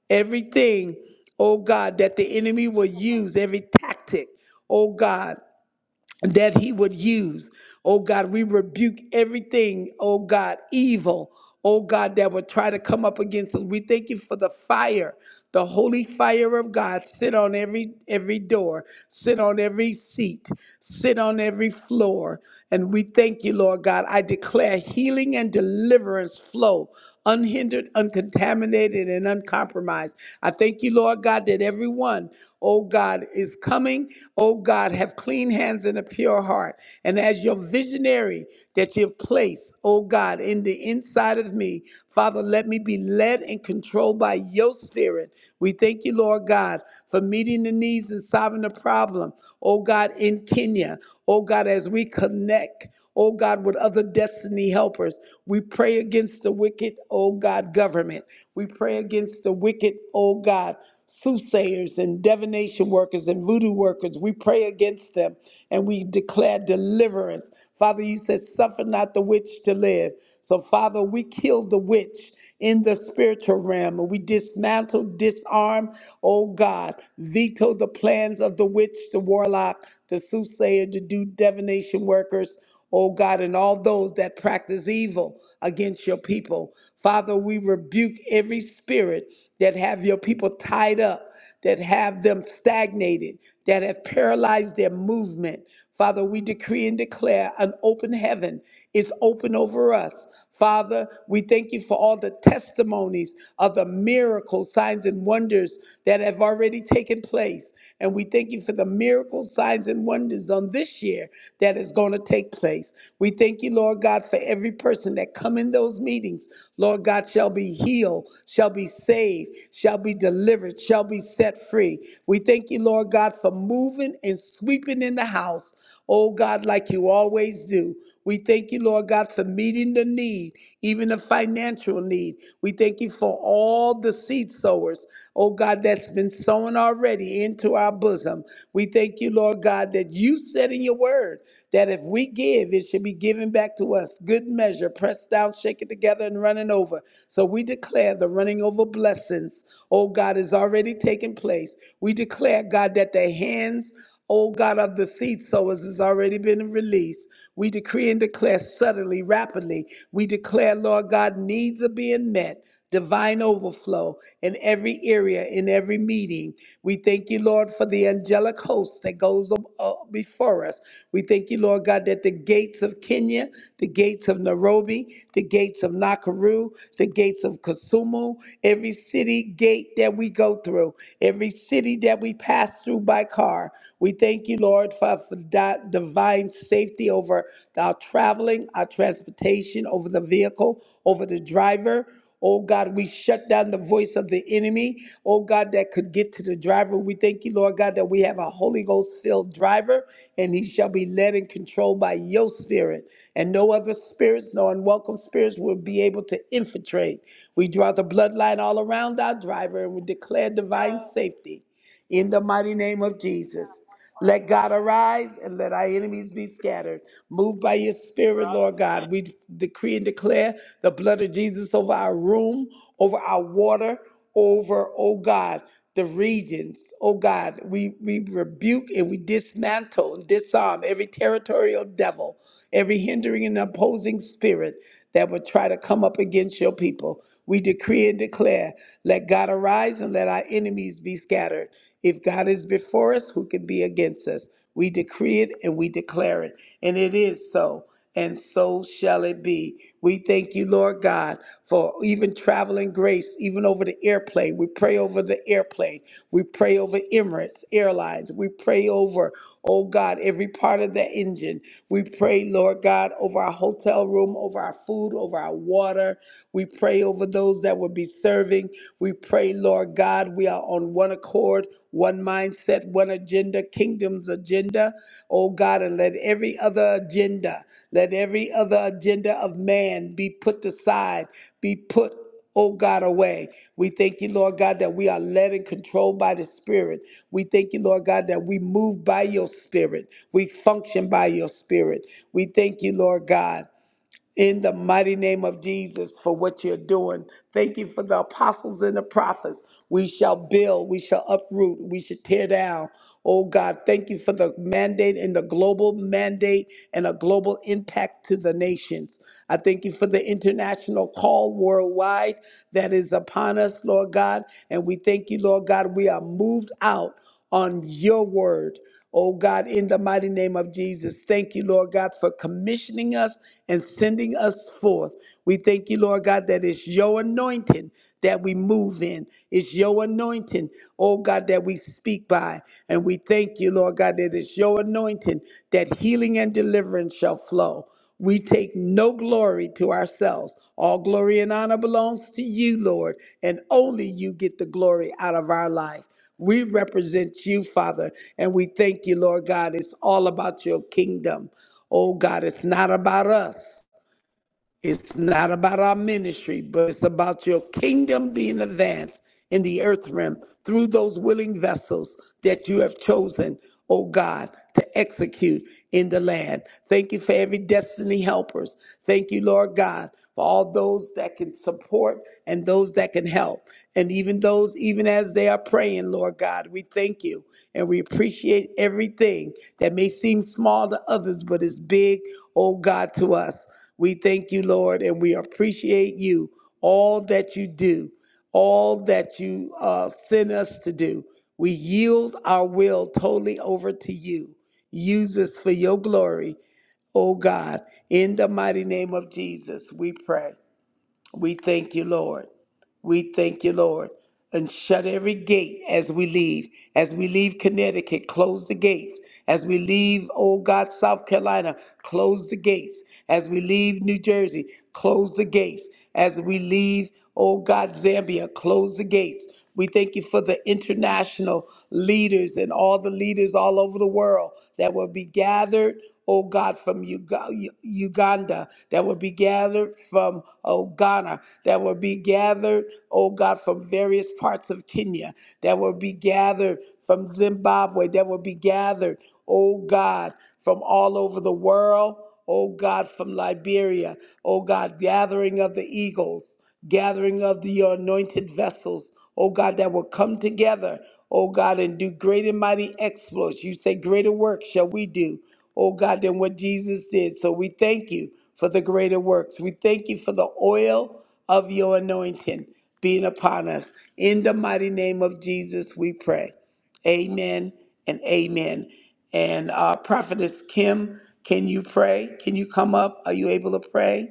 everything, oh God, that the enemy will use, every tactic, oh God that he would use. Oh God, we rebuke everything, oh God, evil, oh God, that would try to come up against us. We thank you for the fire, the holy fire of God. Sit on every every door, sit on every seat, sit on every floor. And we thank you, Lord God. I declare healing and deliverance flow unhindered, uncontaminated, and uncompromised. I thank you, Lord God, that everyone, oh God, is coming. Oh God, have clean hands and a pure heart. And as your visionary that you've placed, oh God, in the inside of me, Father, let me be led and controlled by your spirit. We thank you, Lord God, for meeting the needs and solving the problem, oh God, in Kenya. Oh God, as we connect oh God, with other destiny helpers. We pray against the wicked, oh God, government. We pray against the wicked, oh God, soothsayers and divination workers and voodoo workers. We pray against them and we declare deliverance. Father, you said, suffer not the witch to live. So, Father, we kill the witch in the spiritual realm. and We dismantle, disarm, oh God, veto the plans of the witch, the warlock, the soothsayer, the do divination workers, oh God, and all those that practice evil against your people. Father, we rebuke every spirit that have your people tied up, that have them stagnated, that have paralyzed their movement. Father, we decree and declare an open heaven is open over us. Father, we thank you for all the testimonies of the miracles, signs, and wonders that have already taken place. And we thank you for the miracles, signs, and wonders on this year that is going to take place. We thank you, Lord God, for every person that come in those meetings. Lord God, shall be healed, shall be saved, shall be delivered, shall be set free. We thank you, Lord God, for moving and sweeping in the house. Oh God, like you always do. We thank you, Lord God, for meeting the need, even the financial need. We thank you for all the seed sowers, oh God, that's been sown already into our bosom. We thank you, Lord God, that you said in your word that if we give, it should be given back to us. Good measure, pressed down, shaken together, and running over. So we declare the running over blessings, oh God, is already taking place. We declare, God, that the hands O God of the seed sowers has already been released. We decree and declare suddenly, rapidly. We declare, Lord God, needs are being met, divine overflow in every area, in every meeting. We thank you, Lord, for the angelic host that goes ab- uh, before us. We thank you, Lord God, that the gates of Kenya, the gates of Nairobi, the gates of Nakuru, the gates of Kasumu, every city gate that we go through, every city that we pass through, through by car. We thank you, Lord, for, for di- divine safety over our traveling, our transportation, over the vehicle, over the driver. Oh God, we shut down the voice of the enemy. Oh God, that could get to the driver. We thank you, Lord God, that we have a Holy Ghost filled driver and he shall be led and controlled by your spirit. And no other spirits, no unwelcome spirits will be able to infiltrate. We draw the bloodline all around our driver and we declare divine safety in the mighty name of Jesus. Let God arise and let our enemies be scattered. Move by your spirit, Lord God. We decree and declare the blood of Jesus over our room, over our water, over, oh God, the regions. Oh God, we, we rebuke and we dismantle and disarm every territorial devil, every hindering and opposing spirit that would try to come up against your people. We decree and declare, let God arise and let our enemies be scattered. If God is before us, who can be against us? We decree it and we declare it. And it is so, and so shall it be. We thank you, Lord God, for even traveling grace, even over the airplane. We pray over the airplane. We pray over Emirates Airlines. We pray over, oh God, every part of the engine. We pray, Lord God, over our hotel room, over our food, over our water. We pray over those that will be serving. We pray, Lord God, we are on one accord, one mindset, one agenda, kingdom's agenda, oh God, and let every other agenda, let every other agenda of man be put aside, be put oh God, away. We thank you, Lord God, that we are led and controlled by the Spirit. We thank you, Lord God, that we move by your Spirit. We function by your Spirit. We thank you, Lord God in the mighty name of Jesus for what you're doing. Thank you for the apostles and the prophets. We shall build, we shall uproot, we shall tear down. Oh God, thank you for the mandate and the global mandate and a global impact to the nations. I thank you for the international call worldwide that is upon us, Lord God. And we thank you, Lord God, we are moved out on your word Oh God, in the mighty name of Jesus, thank you, Lord God, for commissioning us and sending us forth. We thank you, Lord God, that it's your anointing that we move in. It's your anointing, oh God, that we speak by. And we thank you, Lord God, that it's your anointing that healing and deliverance shall flow. We take no glory to ourselves. All glory and honor belongs to you, Lord, and only you get the glory out of our life. We represent you, Father, and we thank you, Lord God. It's all about your kingdom. Oh God, it's not about us. It's not about our ministry, but it's about your kingdom being advanced in the earth realm through those willing vessels that you have chosen, oh God, to execute in the land. Thank you for every destiny helpers. Thank you, Lord God, for all those that can support and those that can help. And even those, even as they are praying, Lord God, we thank you and we appreciate everything that may seem small to others, but is big, oh God, to us. We thank you, Lord, and we appreciate you, all that you do, all that you uh, send us to do. We yield our will totally over to you. Use us for your glory, O God. In the mighty name of Jesus, we pray. We thank you, Lord. We thank you, Lord. And shut every gate as we leave. As we leave Connecticut, close the gates. As we leave, oh God, South Carolina, close the gates. As we leave New Jersey, close the gates. As we leave, oh God, Zambia, close the gates. We thank you for the international leaders and all the leaders all over the world that will be gathered, oh God, from Uga- U- Uganda, that will be gathered from, oh, Ghana, that will be gathered, oh God, from various parts of Kenya, that will be gathered from Zimbabwe, that will be gathered, oh God, from all over the world, oh God, from Liberia, oh God, gathering of the eagles, gathering of the, your anointed vessels oh God, that will come together, oh God, and do great and mighty exploits. You say, Greater work shall we do, oh God, than what Jesus did. So we thank you for the greater works. We thank you for the oil of your anointing being upon us. In the mighty name of Jesus, we pray. Amen and amen. And uh, Prophetess Kim, can you pray? Can you come up? Are you able to pray?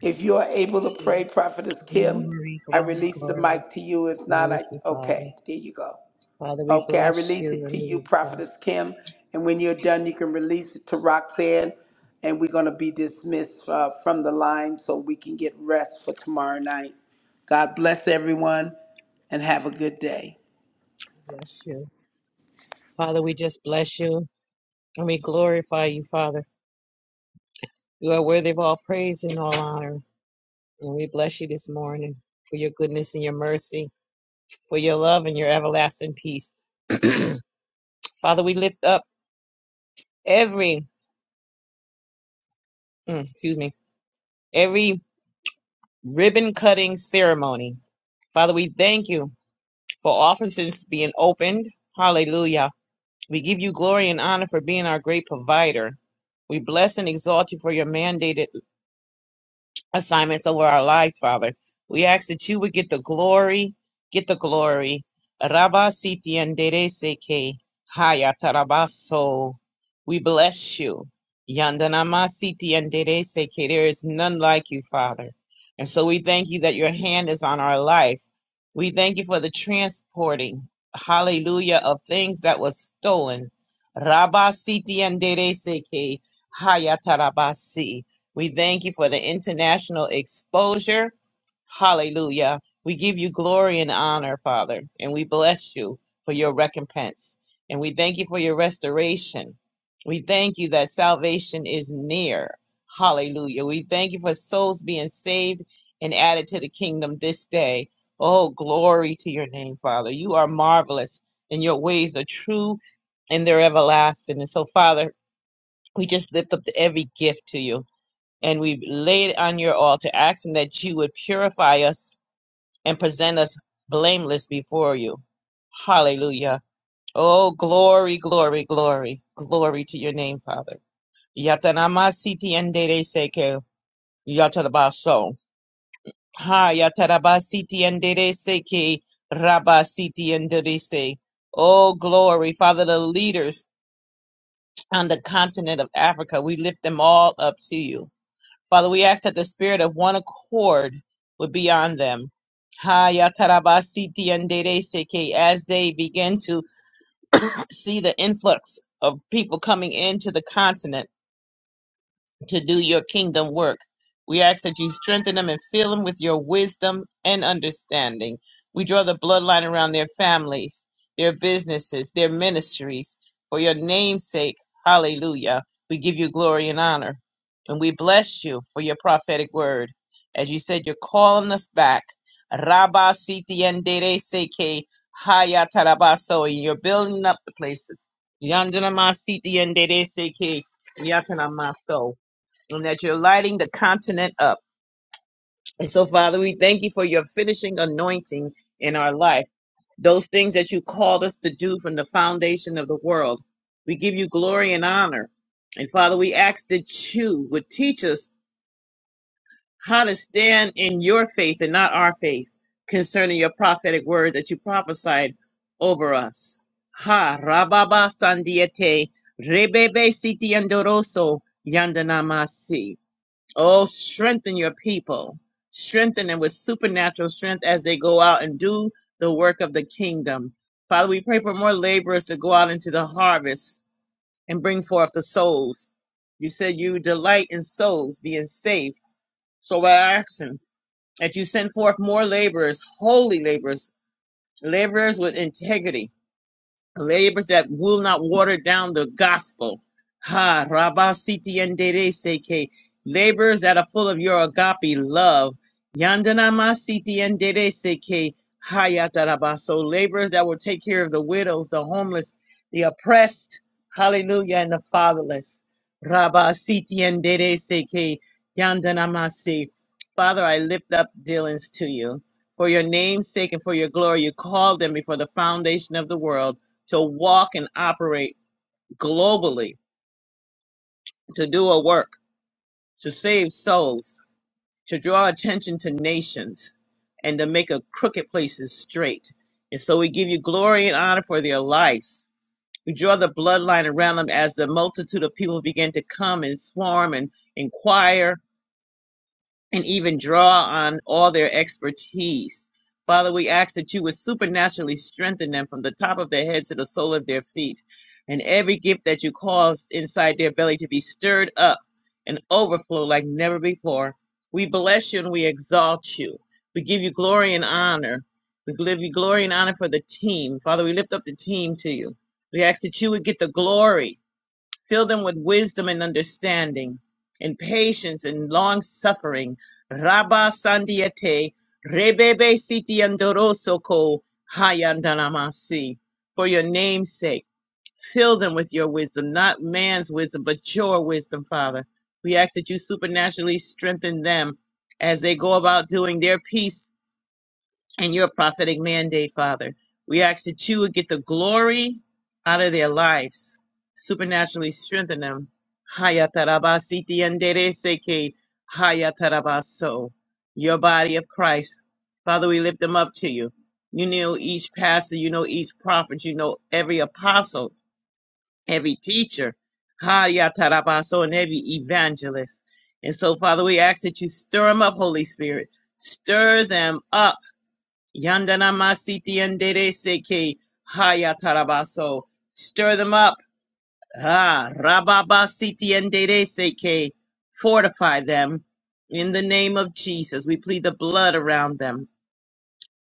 If you are able to pray, Prophetess Kim, Glory, I glory, release the glory. mic to you. If not, Thank I, you, Father. okay, there you go. Father, we Okay, I bless you release it to and we you, exalt Prophetess Kim. And when you're done, you can release it to Roxanne. And we're going to be dismissed uh, from the line so we can get rest for tomorrow night. God bless everyone and have a good day. you. Bless you. Father, we just bless you and we glorify you, Father. You are worthy of all praise and all honor. And we bless you this morning for your goodness and your mercy, for your love and your everlasting peace. Father, we lift up every, mm, excuse me, every ribbon cutting ceremony. Father, we thank you for offices being opened. Hallelujah We give you glory and honor for being our great provider. We bless and exalt you for your mandated assignments over our lives, Father. We ask that you would get the glory, get the glory. Rabba siti andereseke haya tarabaso. We bless you. Yandanama siti andereseke. There is none like you, Father. And so we thank you that your hand is on our life. We thank you for the transporting, hallelujah, of things that was stolen. Rabba siti andereseke haya tarabasi. We thank you for the international exposure. Hallelujah. We give you glory and honor, Father, and we bless you for your recompense. And we thank you for your restoration. We thank you that salvation is near. Hallelujah. We thank you for souls being saved and added to the kingdom this day. Oh, glory to your name, Father. You are marvelous, and your ways are true and they're everlasting. And so, Father, we just lift up every gift to you and we lay it on your altar, asking that you would purify us and present us blameless before you. Hallelujah. Oh, glory, glory, glory, glory to your name, Father. Yatanamasiti endere seke yatarabaso. Ha yatarabasiti endere seke rabasiti endere se. Oh, glory, Father, the leaders on the continent of Africa, we lift them all up to you. Father, we ask that the spirit of one accord would be on them. Ha yatarabasiti and dere seke, as they begin to see the influx of people coming into the continent to do your kingdom work. We ask that you strengthen them and fill them with your wisdom and understanding. We draw the bloodline around their families, their businesses, their ministries. For your name's sake, hallelujah. We give you glory and honor. And we bless you for your prophetic word. As you said, you're calling us back. Rabba siti endere seke haya tarabaso. And you're building up the places. Yandanama siti endere seke yatanamaso and that you're lighting the continent up. And so, Father, we thank you for your finishing anointing in our life. Those things that you called us to do from the foundation of the world. We give you glory and honor. And Father, we ask that you would teach us how to stand in your faith and not our faith concerning your prophetic word that you prophesied over us. Ha, Rababa Sandiete, Rebebe Siti Andoroso, Yandanamasi. Oh, strengthen your people. Strengthen them with supernatural strength as they go out and do the work of the kingdom. Father, we pray for more laborers to go out into the harvest and bring forth the souls. You said you delight in souls being saved. So we ask him that you send forth more laborers, holy laborers, laborers with integrity labors that will not water down the gospel. Ha, Rabasiti and Dede Seke, labors that are full of your agape love. Yandanama Siti and Dede Seke, Hayataraba. So labors that will take care of the widows, the homeless, the oppressed, hallelujah, and the fatherless. Rabasiti and Dede Seke, Yandanamasi. Father, I lift up Dylan's to you. For your name's sake and for your glory, you called them before the foundation of the world to walk and operate globally, to do a work, to save souls, to draw attention to nations, and to make a crooked places straight. And so we give you glory and honor for their lives. We draw the bloodline around them as the multitude of people begin to come and swarm and inquire and even draw on all their expertise. Father, we ask that you would supernaturally strengthen them from the top of their head to the sole of their feet, and every gift that you cause inside their belly to be stirred up and overflow like never before. We bless you and we exalt you. We give you glory and honor. We give you glory and honor for the team. Father, we lift up the team to you. We ask that you would get the glory Fill them with wisdom and understanding, and patience and long suffering. Rabba Sandiete, Rebebe Siti Andoroso Ko Hayandanamasi. For your name's sake, fill them with your wisdom, not man's wisdom, but your wisdom, Father. We ask that you supernaturally strengthen them as they go about doing their peace and your prophetic mandate, Father. We ask that you would get the glory out of their lives, supernaturally strengthen them. Hayatarabasiti andereseke, hayatarabaso. Your body of Christ. Father, we lift them up to you. You know each pastor, you know each prophet, you know every apostle, every teacher, hayatarabaso, and every evangelist. And so, Father, we ask that you stir them up, Holy Spirit. Stir them up Yandana masiti yandere seke haya tarabaso. Stir them up. Ah, rababa siti yandere seke. Fortify them. In the name of Jesus, we plead the blood around them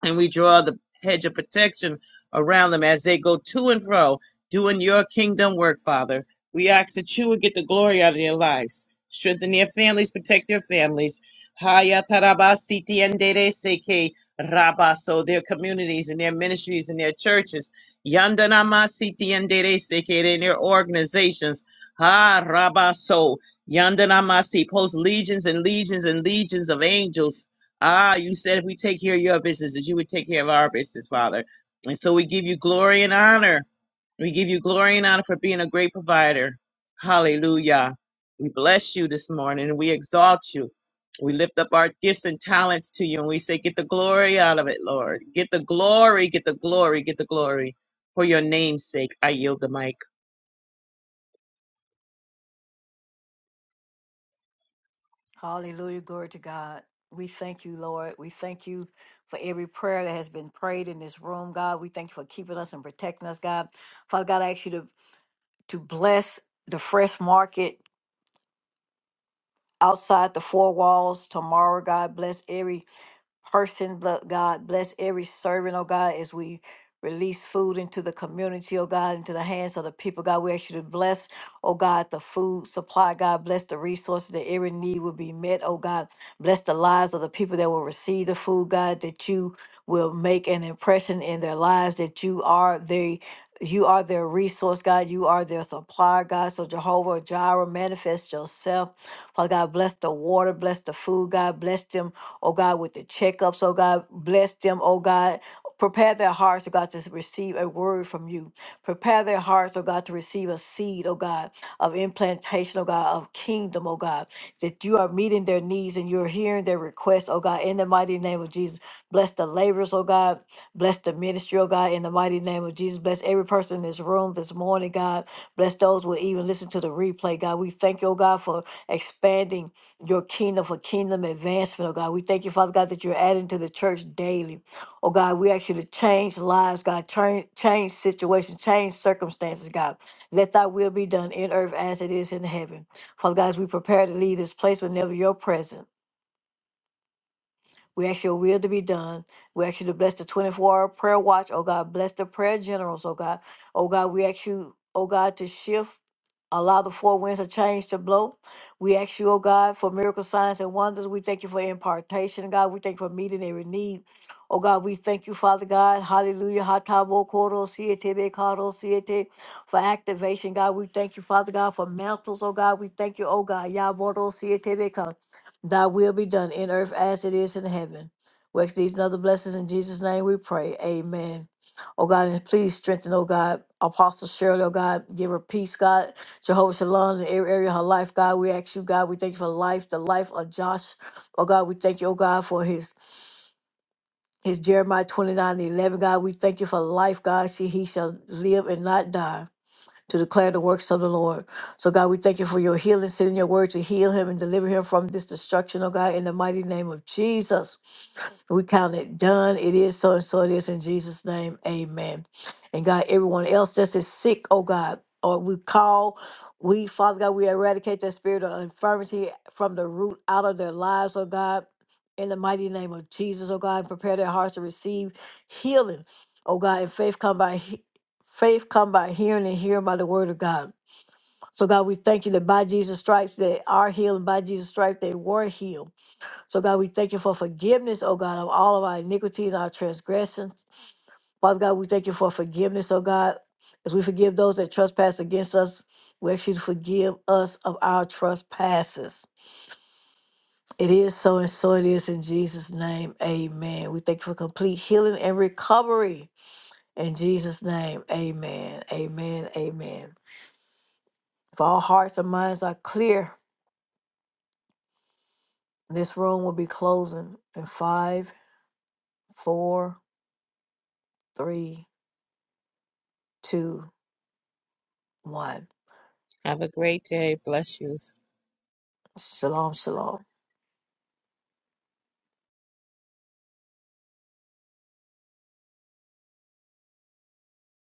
and we draw the hedge of protection around them as they go to and fro doing your kingdom work, Father. We ask that you would get the glory out of their lives, strengthen their families, protect their families. Haya taraba siti endere seke raba. So their communities and their ministries and their churches. Yandanama siti endere seke and their organizations. Ha raba so yandanama si post legions and legions and legions of angels Ah, you said if we take care of your business, that you would take care of our business, Father. And so we give you glory and honor. We give you glory and honor for being a great provider. Hallelujah. We bless you this morning and we exalt you. We lift up our gifts and talents to you and we say, Get the glory out of it, Lord. Get the glory, get the glory, get the glory for your name's sake. I yield the mic. Hallelujah. Glory to God. We thank you, Lord. We thank you for every prayer that has been prayed in this room, God. We thank you for keeping us and protecting us, God. Father God, I ask you to, to bless the fresh market outside the four walls tomorrow, God. Bless every person, blo- God. Bless every servant, oh God, as we release food into the community, oh God, into the hands of the people, God. We ask you to bless, oh God, the food supply, God. Bless the resources that every need will be met, oh God. Bless the lives of the people that will receive the food, God, that you will make an impression in their lives, that you are they. You are their resource, God. You are their supplier, God. So, Jehovah Jireh, manifest yourself. Father God, bless the water, bless the food, God. Bless them oh God, with the checkups, oh God, bless them, oh God. Prepare their hearts, oh God, to receive a word from you. Prepare their hearts, oh God, to receive a seed, oh God, of implantation, oh God, of kingdom, oh God, that you are meeting their needs and you're hearing their requests, oh God, in the mighty name of Jesus. Bless the laborers, oh God. Bless the ministry, oh God, in the mighty name of Jesus. Bless every person in this room this morning, God. Bless those who will even listen to the replay, God. We thank you, oh God, for expanding your kingdom for kingdom advancement, oh God. We thank you, Father God, that you're adding to the church daily. Oh God, we ask you to change lives, God, change, change situations, change circumstances, God. Let thy will be done in earth as it is in heaven. Father God, as we prepare to leave this place whenever you're present. We ask your will to be done. We ask you to bless the 24 hour prayer watch, oh God. Bless the prayer generals, oh God. Oh God, we ask you, oh God, to shift. Allow the four winds of change to blow. We ask you, oh God, for miracle signs and wonders. We thank you for impartation, God. We thank you for meeting every need. Oh God, we thank you, Father God. Hallelujah. Hatabo koro siete be karo siete for activation, God. We thank you, Father God, for mantles, oh God. We thank you, oh God. Yaboro siete be ka. Thy will be done in earth as it is in heaven. We ask these and other blessings in Jesus' name we pray. Amen. Oh God, and please strengthen, oh God, Apostle Shirley, oh God, give her peace, God Jehovah Shalom in every area of her life. God, we ask you, God, we thank you for life, the life of Josh. Oh God, we thank you, oh God, for his his Jeremiah 29 and 11. God, we thank you for life, God. See, he shall live and not die to declare the works of the Lord. So God, we thank you for your healing, sending your word to heal him and deliver him from this destruction, oh God, in the mighty name of Jesus. We count it done. It is so and so it is in Jesus' name. Amen. And God, everyone else that's sick, oh God, or we call, we, Father God, we eradicate that spirit of infirmity from the root out of their lives, oh God. In the mighty name of Jesus, oh God, and prepare their hearts to receive healing, oh God. And faith come by he- faith come by hearing and hearing by the word of God. So God, we thank you that by Jesus' stripes they are healed, and by Jesus' stripes they were healed. So, God, we thank you for forgiveness, oh God, of all of our iniquities, our transgressions. Father God, we thank you for forgiveness, oh God, as we forgive those that trespass against us. We ask you to forgive us of our trespasses. It is so, and so it is in Jesus' name. Amen. We thank you for complete healing and recovery in Jesus' name. Amen. Amen. Amen. If all hearts and minds are clear, this room will be closing in five, four, three, two, one. Have a great day. Bless you. Shalom, shalom.